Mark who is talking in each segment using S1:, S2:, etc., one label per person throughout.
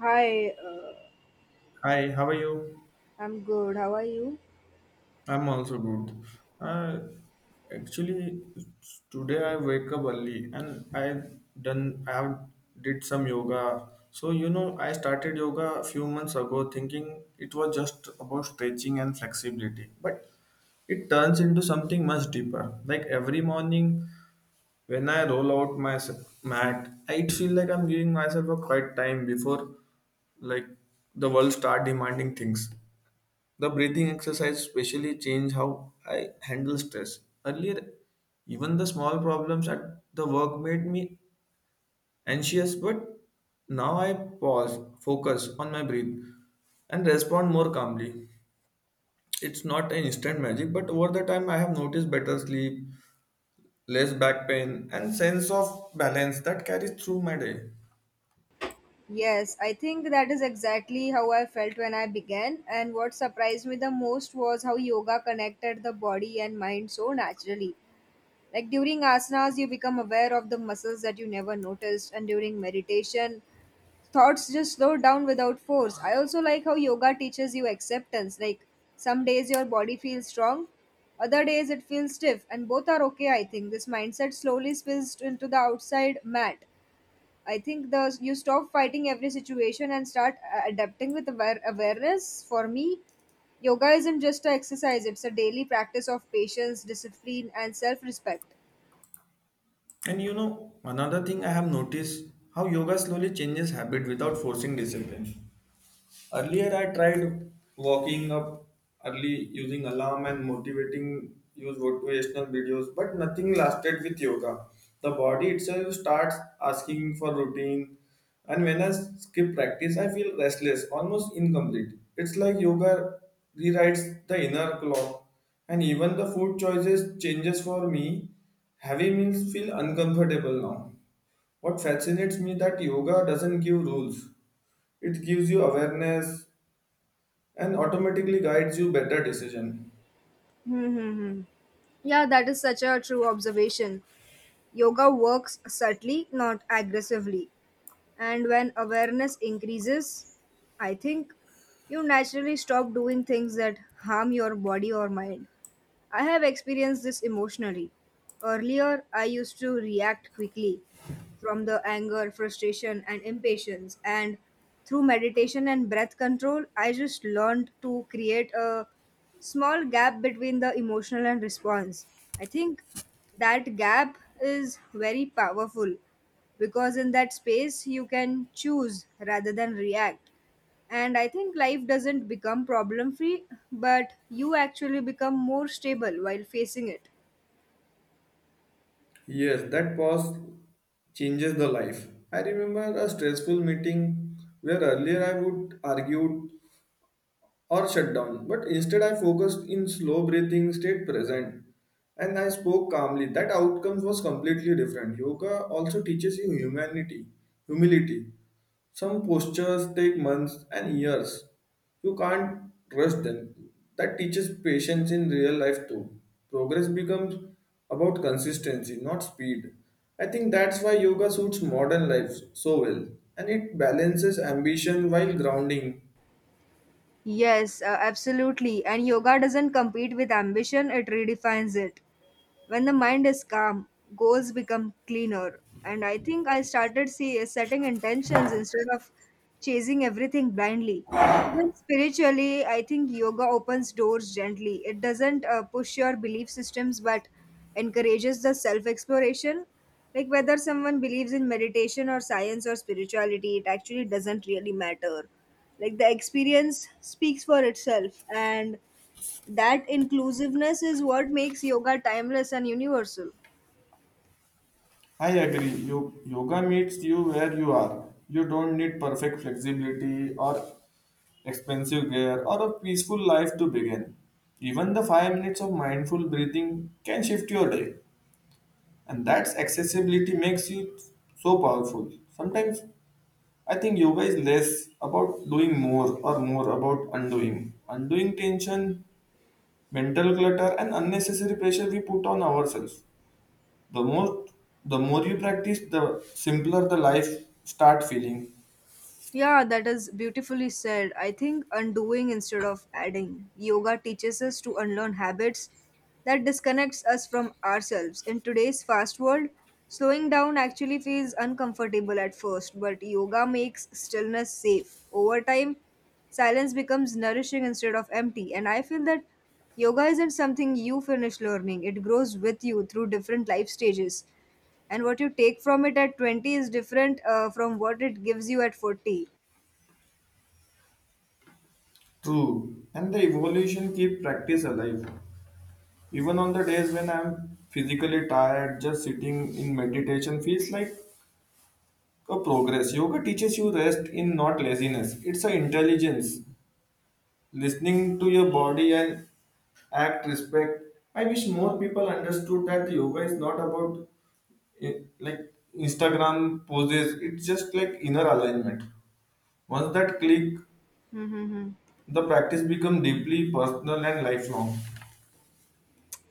S1: Hi,
S2: Hi, how are you?
S1: I'm good. How are you?
S2: I'm also good. Uh, actually, today I wake up early and I done I have did some yoga. So you know, I started yoga a few months ago, thinking it was just about stretching and flexibility, but it turns into something much deeper. Like every morning, when I roll out my mat, I feel like I'm giving myself a quiet time before, like the world start demanding things. The breathing exercise especially changed how I handle stress. Earlier, even the small problems at the work made me anxious, but now I pause, focus on my breath, and respond more calmly. It's not an instant magic, but over the time, I have noticed better sleep, less back pain, and sense of balance that carries through my day.
S1: Yes, I think that is exactly how I felt when I began. And what surprised me the most was how yoga connected the body and mind so naturally. Like during asanas, you become aware of the muscles that you never noticed, and during meditation, thoughts just slow down without force. I also like how yoga teaches you acceptance. Like some days your body feels strong, other days it feels stiff, and both are okay, I think. This mindset slowly spills into the outside mat. I think the you stop fighting every situation and start adapting with awareness. For me, yoga isn't just an exercise; it's a daily practice of patience, discipline, and self-respect.
S2: And you know, another thing I have noticed how yoga slowly changes habit without forcing discipline. Earlier, I tried waking up early using alarm and motivating use motivational videos, but nothing lasted with yoga. The body itself starts asking for routine, and when I skip practice, I feel restless, almost incomplete. It's like yoga rewrites the inner clock, and even the food choices changes for me. Heavy meals feel uncomfortable now. What fascinates me that yoga doesn't give rules. It gives you awareness and automatically guides you better decision.
S1: Mm-hmm. Yeah, that is such a true observation. Yoga works subtly, not aggressively. And when awareness increases, I think you naturally stop doing things that harm your body or mind. I have experienced this emotionally. Earlier, I used to react quickly from the anger, frustration, and impatience. And through meditation and breath control, I just learned to create a small gap between the emotional and response. I think that gap is very powerful because in that space you can choose rather than react. And I think life doesn't become problem free, but you actually become more stable while facing it.
S2: Yes, that pause changes the life. I remember a stressful meeting where earlier I would argue or shut down. But instead, I focused in slow breathing, stayed present, and I spoke calmly. That outcome was completely different. Yoga also teaches you humility. Some postures take months and years. You can't rush them. That teaches patience in real life too. Progress becomes about consistency, not speed. I think that's why yoga suits modern life so well and it balances ambition while grounding.
S1: Yes, absolutely. And yoga doesn't compete with ambition, it redefines it. When the mind is calm, goals become cleaner. And I think I started see setting intentions instead of chasing everything blindly. Even spiritually, I think yoga opens doors gently. It doesn't push your belief systems but encourages the self exploration. Like whether someone believes in meditation or science or spirituality, it actually doesn't really matter. Like the experience speaks for itself, and that inclusiveness is what makes yoga timeless and universal.
S2: I agree. Yoga meets you where you are. You don't need perfect flexibility or expensive gear or a peaceful life to begin. Even the 5 minutes of mindful breathing can shift your day, and that's accessibility makes you so powerful. Sometimes I think yoga is less about doing more or more about undoing. Undoing tension, mental clutter, and unnecessary pressure we put on ourselves the more the more you practice, the simpler the life start feeling.
S1: Yeah, that is beautifully said. I think undoing instead of adding, yoga teaches us to unlearn habits that disconnects us from ourselves in today's fast world. Slowing down actually feels uncomfortable at first, but yoga makes stillness safe over time. Silence becomes nourishing instead of empty, and I feel that yoga isn't something you finish learning. It grows with you through different life stages, and what you take from it at 20 is different from what it gives you at 40.
S2: True, and the evolution keep practice alive even on the days when I'm physically tired. Just sitting in meditation feels like a progress. Yoga teaches you rest in not laziness, it's an intelligence listening to your body and act respect. I wish more people understood that yoga is not about eh, like Instagram poses, it's just like inner alignment. Once that click,
S1: Mm-hmm.
S2: the practice becomes deeply personal and lifelong.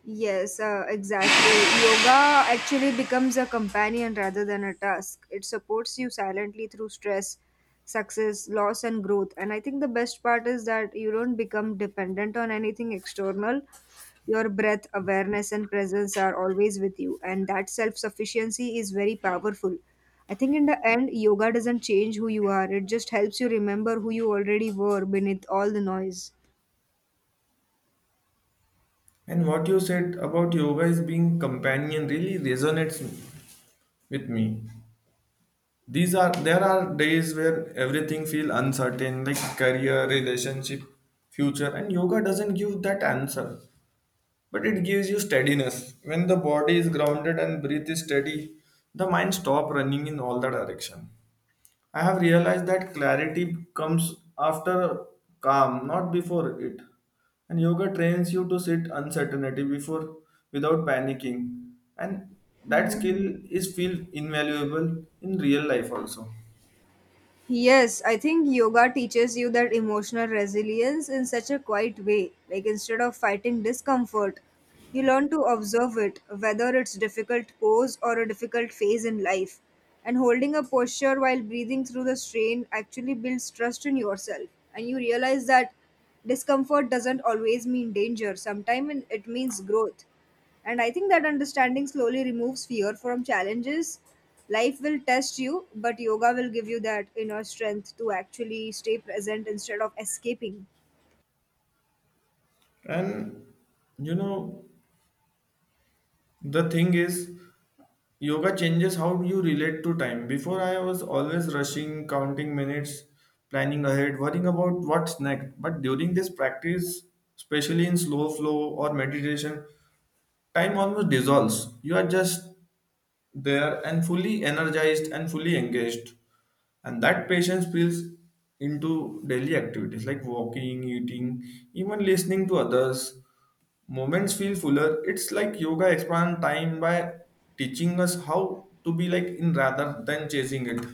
S1: Yes, exactly. Yoga actually becomes a companion rather than a task. It supports you silently through stress, success, loss, and growth. And I think the best part is that you don't become dependent on anything external. Your breath, awareness, and presence are always with you, and that self sufficiency is very powerful. I think in the end, yoga doesn't change who you are, it just helps you remember who you already were beneath all the noise.
S2: And what you said about yoga is being companion really resonates with me. These are there are days where everything feels uncertain, like career, relationship, future, and yoga doesn't give that answer. But it gives you steadiness. When the body is grounded and breath is steady, the mind stops running in all the direction. I have realized that clarity comes after calm, not before it. And yoga trains you to sit uncertainty before without panicking. And that
S1: Mm-hmm.
S2: skill is feel invaluable in real life also.
S1: Yes, I think yoga teaches you that emotional resilience in such a quiet way. Like instead of fighting discomfort, you learn to observe it, whether it's difficult pose or a difficult phase in life. And holding a posture while breathing through the strain actually builds trust in yourself. And you realize that discomfort doesn't always mean danger. Sometimes it means growth. And I think that understanding slowly removes fear from challenges. Life will test you, but yoga will give you that inner strength to actually stay present instead of escaping.
S2: And you know, the thing is, yoga changes how you relate to time. Before, I was always rushing, counting minutes, planning ahead, worrying about what's next. But during this practice, especially in slow flow or meditation, time almost dissolves. You are just there and fully energized and fully engaged. And that patience spills into daily activities like walking, eating, even listening to others. Moments feel fuller. It's like yoga expand time by teaching us how to be like in rather than chasing it.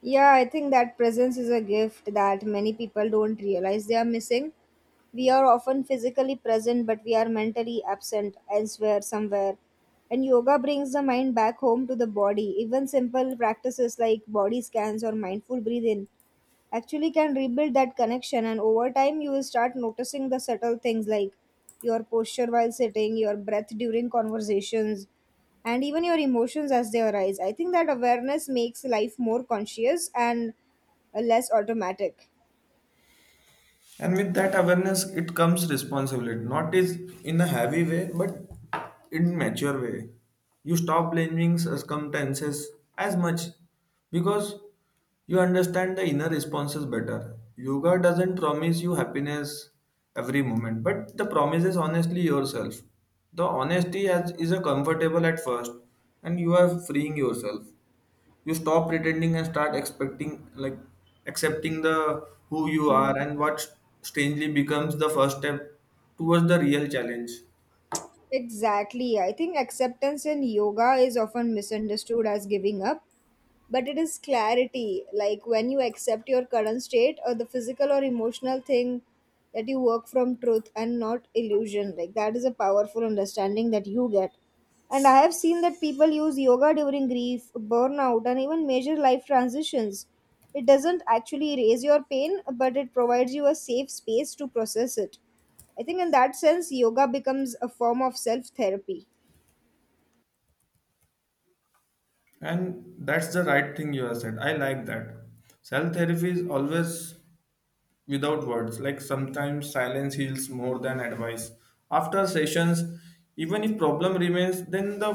S1: Yeah, I think that presence is a gift that many people don't realize they are missing. We are often physically present, but we are mentally absent elsewhere, somewhere. And yoga brings the mind back home to the body. Even simple practices like body scans or mindful breathing actually can rebuild that connection. And over time, you will start noticing the subtle things like your posture while sitting, your breath during conversations, and even your emotions as they arise. I think that awareness makes life more conscious and less automatic.
S2: And with that awareness, it comes responsibility, not is in a heavy way, but in mature way. You stop blaming circumstances as much because you understand the inner responses better. Yoga doesn't promise you happiness every moment, but the promise is honestly yourself. The honesty has, is a comfortable at first, and you are freeing yourself. You stop pretending and start expecting, like accepting the who you are and what strangely becomes the first step towards the real challenge.
S1: Exactly. I think acceptance in yoga is often misunderstood as giving up, but it is clarity. Like when you accept your current state or the physical or emotional thing, that you work from truth and not illusion. Like that is a powerful understanding that you get. And I have seen that people use yoga during grief, burnout, and even major life transitions. It doesn't actually erase your pain, but it provides you a safe space to process it. I think in that sense yoga becomes a form of self therapy.
S2: And that's the right thing you have said. I like that. Self therapy is always without words, like sometimes silence heals more than advice. After sessions, even if problem remains, then the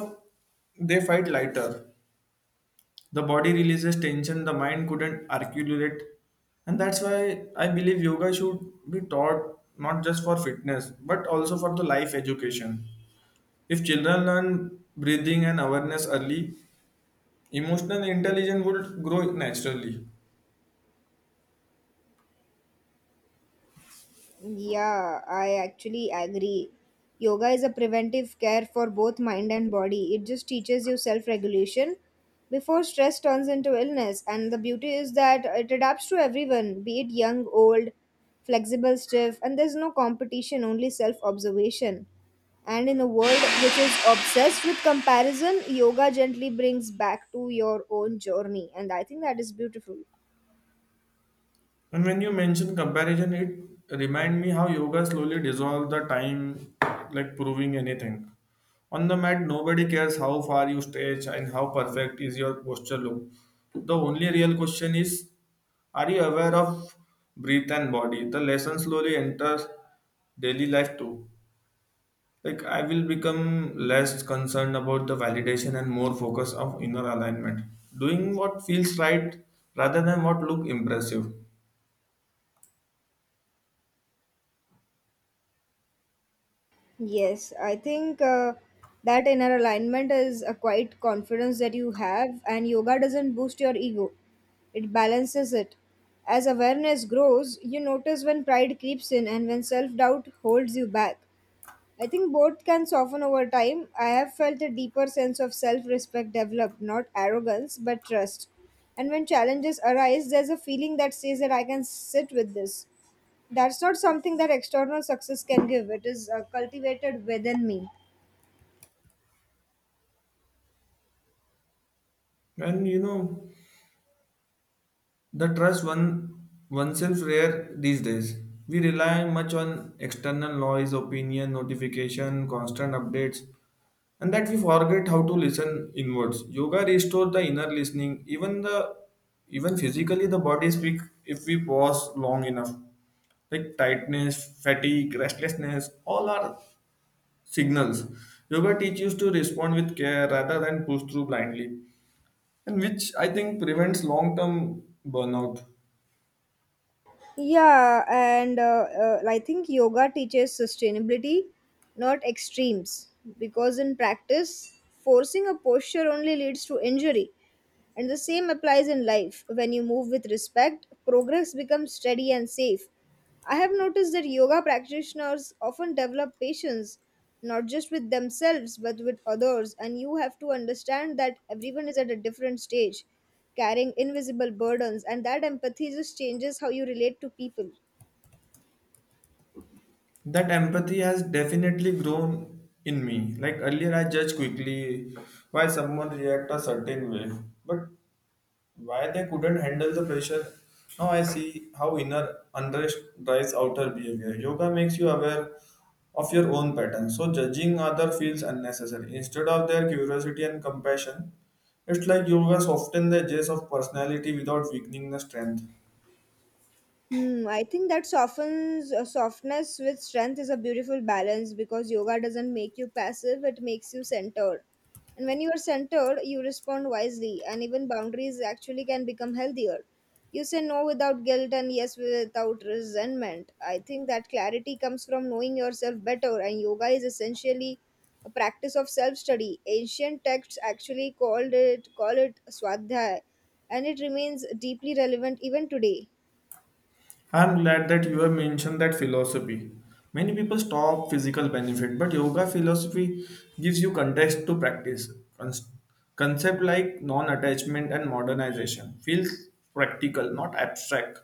S2: they fight lighter. The body releases tension the mind couldn't articulate, and that's why I believe yoga should be taught not just for fitness but also for the life education. If children learn breathing and awareness early, emotional intelligence would grow naturally.
S1: Yeah, I actually agree. Yoga is a preventive care for both mind and body. It just teaches you self regulation before stress turns into illness. And the beauty is that it adapts to everyone, be it young, old, flexible, stiff, and there's no competition, only self observation. And in a world which is obsessed with comparison, yoga gently brings back to your own journey. And I think that is beautiful.
S2: And when you mention comparison, it remind me how yoga slowly dissolves the time, like proving anything. On the mat, nobody cares how far you stretch and how perfect is your posture look. The only real question is, are you aware of breath and body? The lesson slowly enters daily life too. Like I will become less concerned about the validation and more focus of inner alignment. Doing what feels right rather than what look impressive.
S1: Yes, I think that inner alignment is a quiet confidence that you have, and yoga doesn't boost your ego, it balances it. As awareness grows, you notice when pride creeps in and when self doubt holds you back. I think both can soften over time. I have felt a deeper sense of self respect develop not arrogance, but trust. And when challenges arise, there's a feeling that says that I can sit with this. That's not something that external success can give. It is cultivated within me.
S2: And you know, the trust one oneself rare these days. We rely much on external noise, opinion, notification, constant updates, and that we forget how to listen inwards. Yoga restores the inner listening, even the even physically the body speak if we pause long enough. Like tightness, fatigue, restlessness, all are signals. Yoga teaches to respond with care rather than push through blindly, and which I think prevents long-term burnout.
S1: Yeah, and I think yoga teaches sustainability, not extremes, because in practice, forcing a posture only leads to injury. And the same applies in life. When you move with respect, progress becomes steady and safe. I have noticed that yoga practitioners often develop patience not just with themselves but with others, and you have to understand that everyone is at a different stage, carrying invisible burdens, and that empathy just changes how you relate to people.
S2: That empathy has definitely grown in me. Like earlier, I judged quickly why someone react a certain way, but why they couldn't handle the pressure. Now I see how inner unrest drives outer behavior. Yoga makes you aware of your own patterns, so judging other feels unnecessary. Instead of their curiosity and compassion, it's like yoga softens the edges of personality without weakening the strength.
S1: Hmm, I think that softens softness with strength is a beautiful balance because yoga doesn't make you passive, it makes you centered. And when you are centered, you respond wisely, and even boundaries actually can become healthier. You say no without guilt and yes without resentment. I think that clarity comes from knowing yourself better, and yoga is essentially a practice of self study. Ancient texts actually called it call it swadhyaya, and it remains deeply relevant even today.
S2: I'm glad that you have mentioned that philosophy. Many people stop physical benefit, but yoga philosophy gives you context to practice. Cons- Concept like non-attachment and modernization feels practical, not abstract.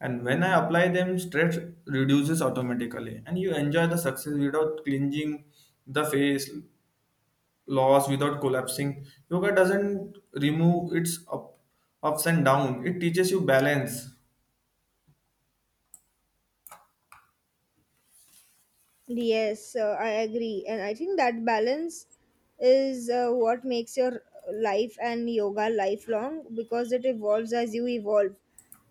S2: And when I apply them, stress reduces automatically, and you enjoy the success without clinging the face, loss without collapsing. Yoga doesn't remove ups and downs; it teaches you balance.
S1: Yes, I agree. And I think that balance is what makes your life and yoga lifelong because it evolves as you evolve.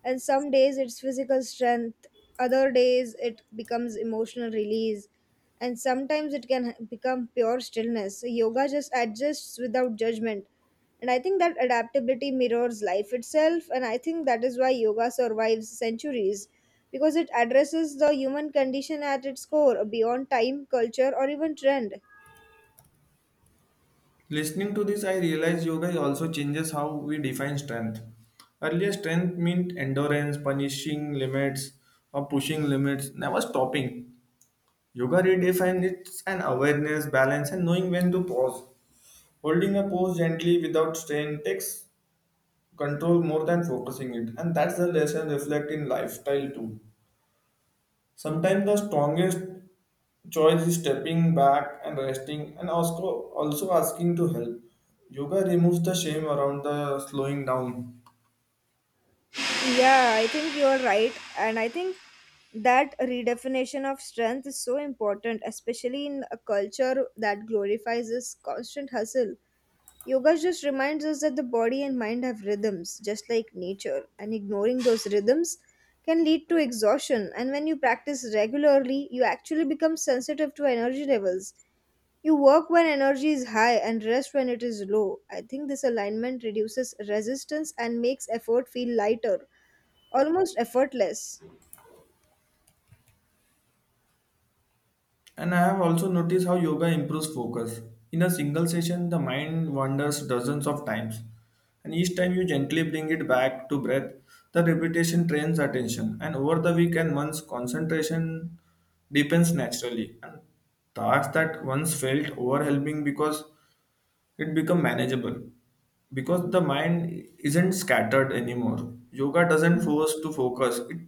S1: And some days it's physical strength, other days it becomes emotional release, and sometimes it can become pure stillness. Yoga just adjusts without judgment. And I think that adaptability mirrors life itself, and I think that is why yoga survives centuries because it addresses the human condition at its core, beyond time, culture, or even trend.
S2: Listening to this, I realized yoga also changes how we define strength. Earlier, strength meant endurance, punishing limits, or pushing limits, never stopping. Yoga redefines it's an awareness, balance, and knowing when to pause. Holding a pose gently without strain takes control more than focusing it, and that's the lesson reflect in lifestyle too. Sometimes the strongest choice is stepping back and resting and also asking to help. Yoga removes the shame around the slowing down.
S1: Yeah, I think you're right. And I think that redefinition of strength is so important, especially in a culture that glorifies this constant hustle. Yoga just reminds us that the body and mind have rhythms, just like nature, and ignoring those rhythms can lead to exhaustion. And when you practice regularly, you actually become sensitive to energy levels. You work when energy is high and rest when it is low. I think this alignment reduces resistance and makes effort feel lighter, almost effortless.
S2: And I have also noticed how yoga improves focus. In a single session, the mind wanders dozens of times. And each time you gently bring it back to breath, the repetition trains attention. And over the week and months, concentration deepens naturally. And tasks that once felt overwhelming because it become manageable because the mind isn't scattered anymore. Yoga doesn't force to focus, it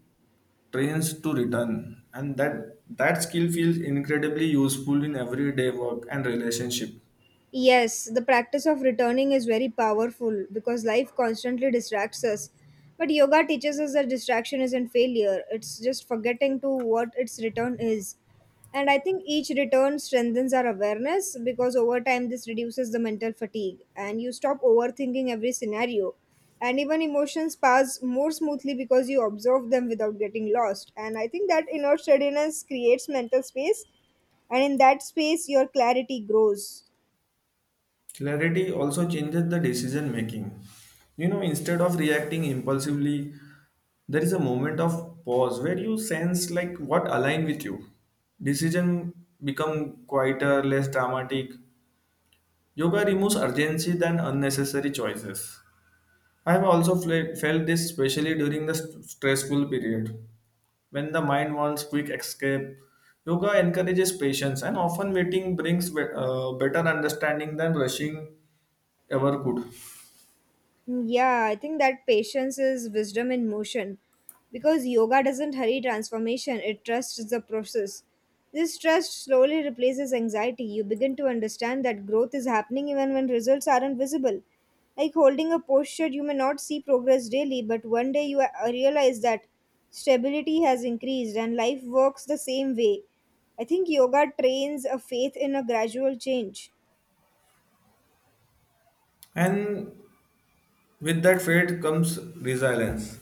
S2: trains to return, and that skill feels incredibly useful in everyday work and relationship.
S1: Yes, the practice of returning is very powerful because life constantly distracts us. But yoga teaches us that distraction isn't failure, it's just forgetting to what its return is. And I think each return strengthens our awareness because over time this reduces the mental fatigue and you stop overthinking every scenario. And even emotions pass more smoothly because you observe them without getting lost. And I think that inner steadiness creates mental space, and in that space, your clarity grows.
S2: Clarity also changes the decision making, you know. Instead of reacting impulsively, there is a moment of pause where you sense like what align with you. Decision become quieter, less dramatic. Yoga removes urgency than unnecessary choices. I have also felt this especially during the stressful period. When the mind wants quick escape, yoga encourages patience, and often waiting brings better understanding than rushing ever could.
S1: Mm, yeah, I think that patience is wisdom in motion because yoga doesn't hurry transformation, it trusts the process. This trust slowly replaces anxiety. You begin to understand that growth is happening even when results aren't visible. Like holding a posture, you may not see progress daily, but one day you realize that stability has increased and life works the same way. I think yoga trains a faith in a gradual change.
S2: And with that fate comes resilience.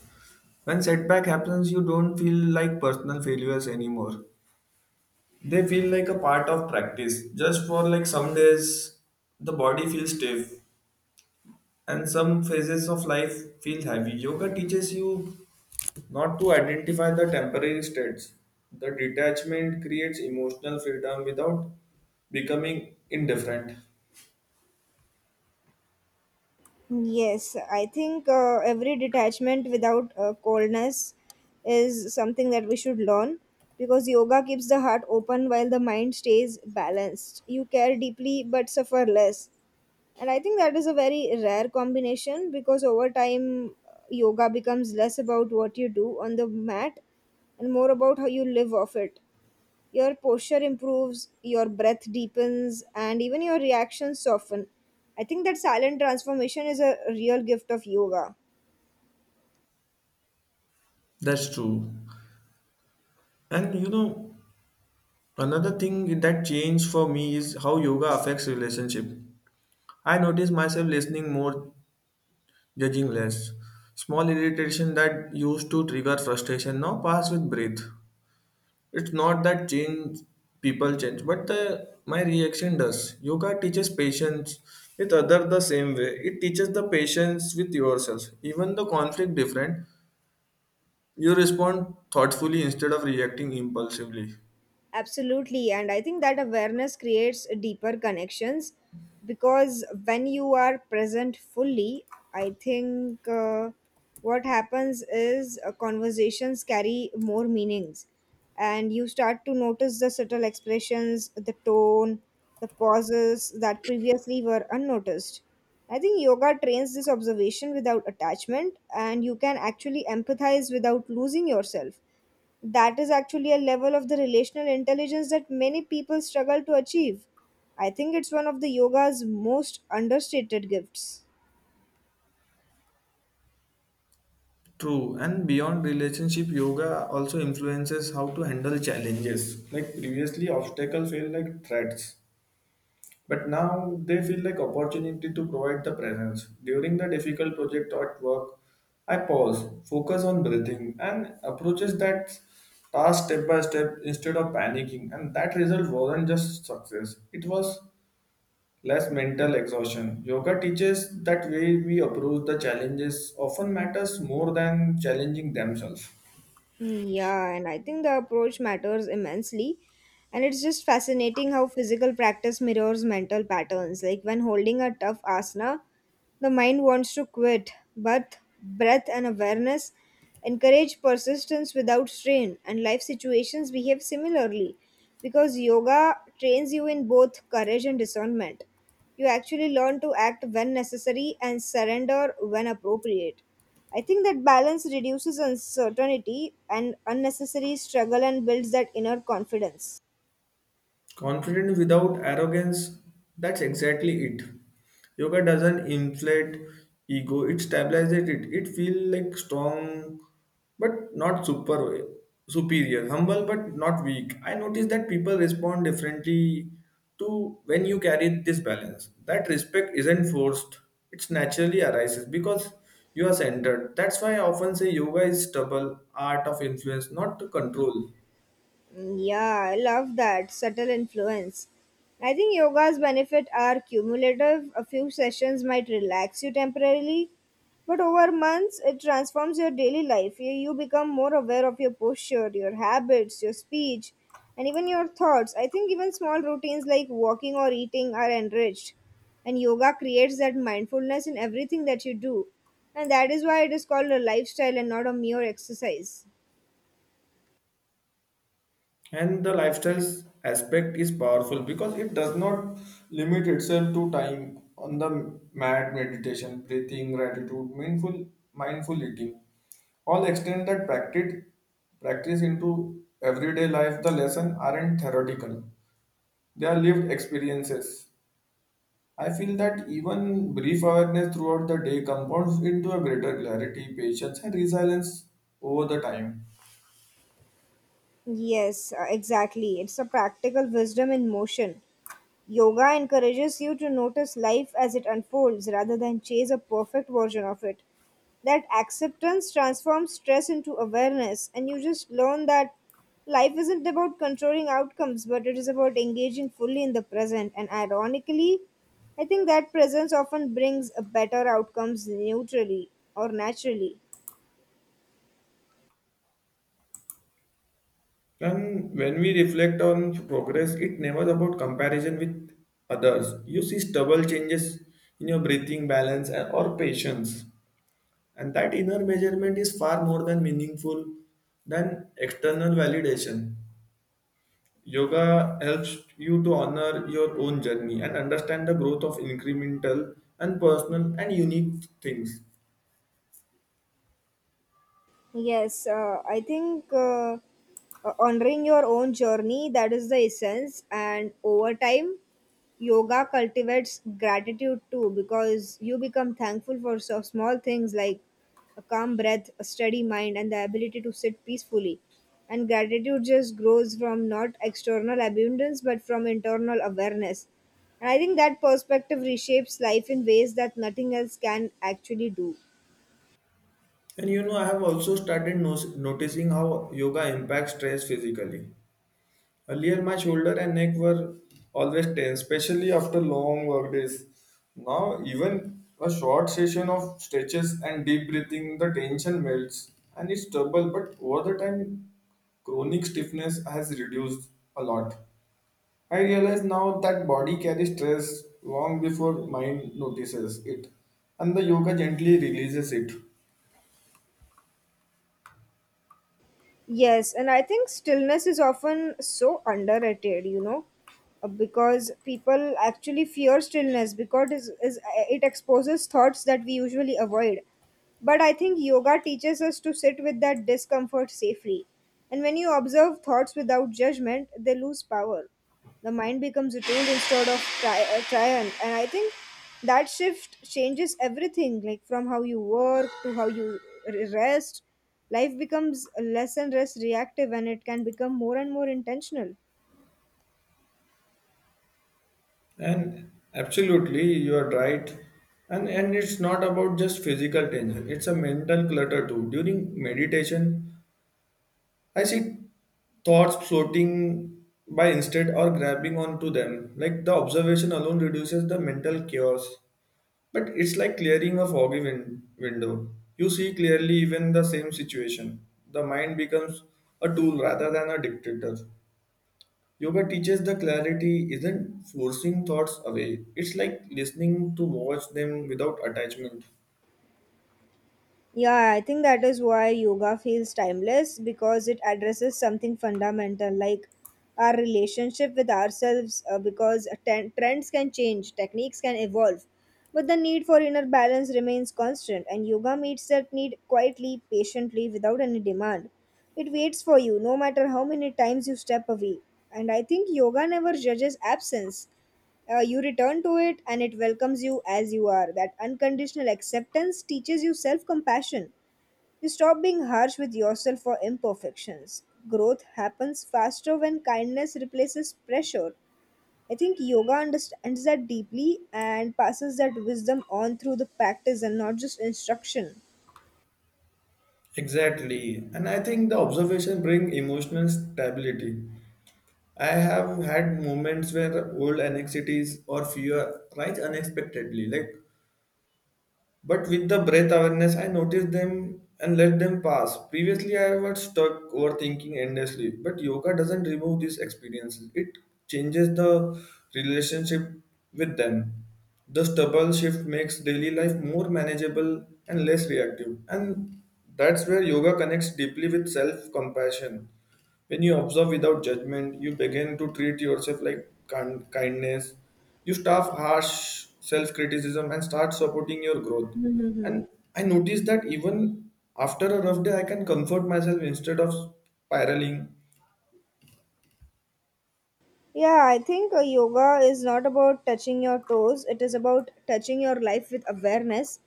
S2: When setback happens, you don't feel like personal failures anymore. They feel like a part of practice. Just for like some days, the body feels stiff, and some phases of life feel heavy. Yoga teaches you not to identify the temporary states. The detachment creates emotional freedom without becoming indifferent.
S1: Yes, I think every detachment without coldness is something that we should learn because yoga keeps the heart open while the mind stays balanced. You care deeply but suffer less. And I think that is a very rare combination because over time, yoga becomes less about what you do on the mat and more about how you live off it. Your posture improves, your breath deepens, and even your reactions soften. I think that silent transformation is a real gift of yoga.
S2: That's true. And you know, another thing that changed for me is how yoga affects relationship. I notice myself listening more, judging less. Small irritation that used to trigger frustration now pass with breath. It's not that change people change but the my reaction does. Yoga teaches patience with other the same way it teaches the patience with yourself. Even the conflict different, you respond thoughtfully instead of reacting impulsively.
S1: Absolutely. And I think that awareness creates deeper connections because when you are present fully, I think what happens is conversations carry more meanings and you start to notice the subtle expressions, the tone, the pauses that previously were unnoticed. I think yoga trains this observation without attachment, and you can actually empathize without losing yourself. That is actually a level of the relational intelligence that many people struggle to achieve. I think it's one of the yoga's most understated gifts.
S2: True, and beyond relationship, yoga also influences how to handle challenges. Like previously obstacles feel like threats, but now they feel like opportunity to provide the presence. During the difficult project at work, I pause, focus on breathing, and approaches that task step by step instead of panicking. And that result wasn't just success; it was less mental exhaustion. Yoga teaches that way we approach the challenges often matters more than challenging themselves.
S1: Yeah, and I think the approach matters immensely. And it's just fascinating how physical practice mirrors mental patterns. Like when holding a tough asana, the mind wants to quit, but breath and awareness encourage persistence without strain, and life situations behave similarly because yoga trains you in both courage and discernment. You actually learn to act when necessary and surrender when appropriate. I think that balance reduces uncertainty and unnecessary struggle and builds that inner confidence.
S2: Confident without arrogance, that's exactly it. Yoga doesn't inflate ego, it stabilizes it. It feels like strong but not superior, humble but not weak. I notice that people respond differently to when you carry this balance. That respect isn't forced, it's naturally arises because you are centered. That's why I often say yoga is stubble, art of influence, not to control.
S1: Mm, yeah, I love that subtle influence. I think yoga's benefit are cumulative. A few sessions might relax you temporarily, but over months it transforms your daily life. You become more aware of your posture, your habits, your speech, and even your thoughts. I think even small routines like walking or eating are enriched, and yoga creates that mindfulness in everything that you do. And that is why it is called a lifestyle and not a mere exercise.
S2: And the lifestyles aspect is powerful because it does not limit itself to time on the mat meditation, breathing, gratitude, mindful eating. All extend that practice into everyday life. The lesson aren't theoretical; they are lived experiences. I feel that even brief awareness throughout the day compounds into a greater clarity, patience, and resilience over the time.
S1: Yes, exactly. It's a practical wisdom in motion. Yoga encourages you to notice life as it unfolds rather than chase a perfect version of it. That acceptance transforms stress into awareness, and you just learn that life isn't about controlling outcomes, but it is about engaging fully in the present. And ironically, I think that presence often brings a better outcomes neutrally or naturally.
S2: And when we reflect on progress, it never about comparison with others. You see stubble changes in your breathing balance or patience. And that inner measurement is far more than meaningful than external validation. Yoga helps you to honor your own journey and understand the growth of incremental and personal and unique things.
S1: Yes, I think honoring your own journey, that is the essence, and over time yoga cultivates gratitude too, because you become thankful for so small things like a calm breath, a steady mind and the ability to sit peacefully. And gratitude just grows from not external abundance but from internal awareness. And I think that perspective reshapes life in ways that nothing else can actually do.
S2: And you know, I have also started noticing how yoga impacts stress physically. Earlier, my shoulder and neck were always tense, especially after long work days. Now, even a short session of stretches and deep breathing, the tension melts and it's trouble. But over the time, chronic stiffness has reduced a lot. I realize now that body carries stress long before mind notices it, and the yoga gently releases it.
S1: Yes, and I think stillness is often so underrated, you know, because people actually fear stillness because it it exposes thoughts that we usually avoid. But I think yoga teaches us to sit with that discomfort safely. And when you observe thoughts without judgment, they lose power. The mind becomes attuned instead of triant. And I think that shift changes everything, like from how you work to how you rest. Life becomes less and less reactive, and it can become more and more intentional.
S2: And absolutely, you are right. And it's not about just physical tension. It's a mental clutter too. During meditation, I see thoughts floating by instead or grabbing onto them. Like the observation alone reduces the mental chaos. But it's like clearing a window. You see clearly even the same situation. The mind becomes a tool rather than a dictator. Yoga teaches the clarity isn't forcing thoughts away. It's like listening to watch them without attachment.
S1: Yeah, I think that is why yoga feels timeless, because it addresses something fundamental like our relationship with ourselves, because trends can change, techniques can evolve, but the need for inner balance remains constant, and yoga meets that need quietly, patiently, without any demand. It waits for you no matter how many times you step away. And I think yoga never judges absence. You return to it and it welcomes you as you are. That unconditional acceptance teaches you self compassion. You stop being harsh with yourself for imperfections. Growth happens faster when kindness replaces pressure. I think yoga understands that deeply and passes that wisdom on through the practice and not just instruction.
S2: Exactly. And I think the observation brings emotional stability. I have had moments where old anxieties or fear rise unexpectedly, like but with the breath awareness, I notice them and let them pass. Previously, I was stuck overthinking endlessly, but yoga doesn't remove these experiences. It changes the relationship with them. The stubble shift makes daily life more manageable and less reactive. And that's where yoga connects deeply with self compassion. When you observe without judgment, you begin to treat yourself like kindness. You stop harsh self criticism and start supporting your growth.
S1: Mhm.
S2: And I noticed that even after a rough day, I can comfort myself instead of spiraling.
S1: Yeah, I think yoga is not about touching your toes. It is about touching your life with awareness,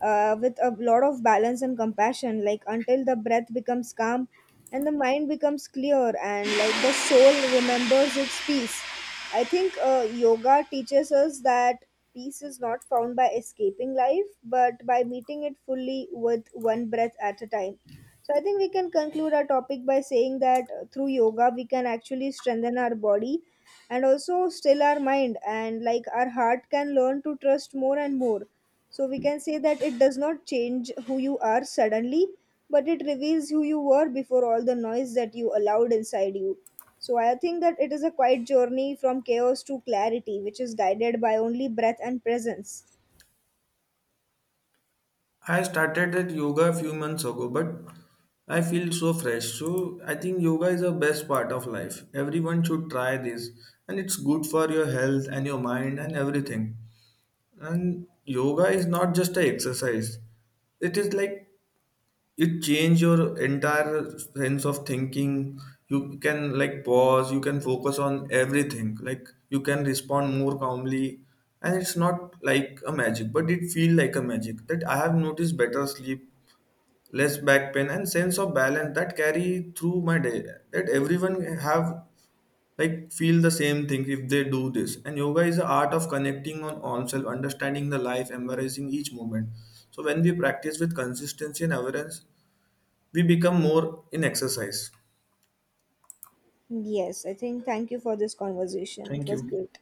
S1: with a lot of balance and compassion. Like until the breath becomes calm and the mind becomes clear, and like the soul remembers its peace. I think yoga teaches us that peace is not found by escaping life, but by meeting it fully with one breath at a time. So I think we can conclude our topic by saying that through yoga we can actually strengthen our body and also still our mind, and like our heart can learn to trust more and more. So we can say that it does not change who you are suddenly, but it reveals who you were before all the noise that you allowed inside you. So I think that it is a quiet journey from chaos to clarity, which is guided by only breath and presence.
S2: I started that yoga a few months ago, but I feel so fresh. So I think yoga is the best part of life. Everyone should try this, and it's good for your health and your mind and everything. And yoga is not just an exercise. It is like it change your entire sense of thinking. You can like pause, you can focus on everything. Like you can respond more calmly. And it's not like a magic, but it feel like a magic. That I have noticed better sleep, less back pain and sense of balance that carry through my day. That everyone have like feel the same thing if they do this, and yoga is the art of connecting on oneself understanding the life embracing each moment. So when we practice with consistency and awareness, we become more in exercise.
S1: Yes, I think thank you for this conversation. It
S2: Thank
S1: was
S2: you.
S1: great.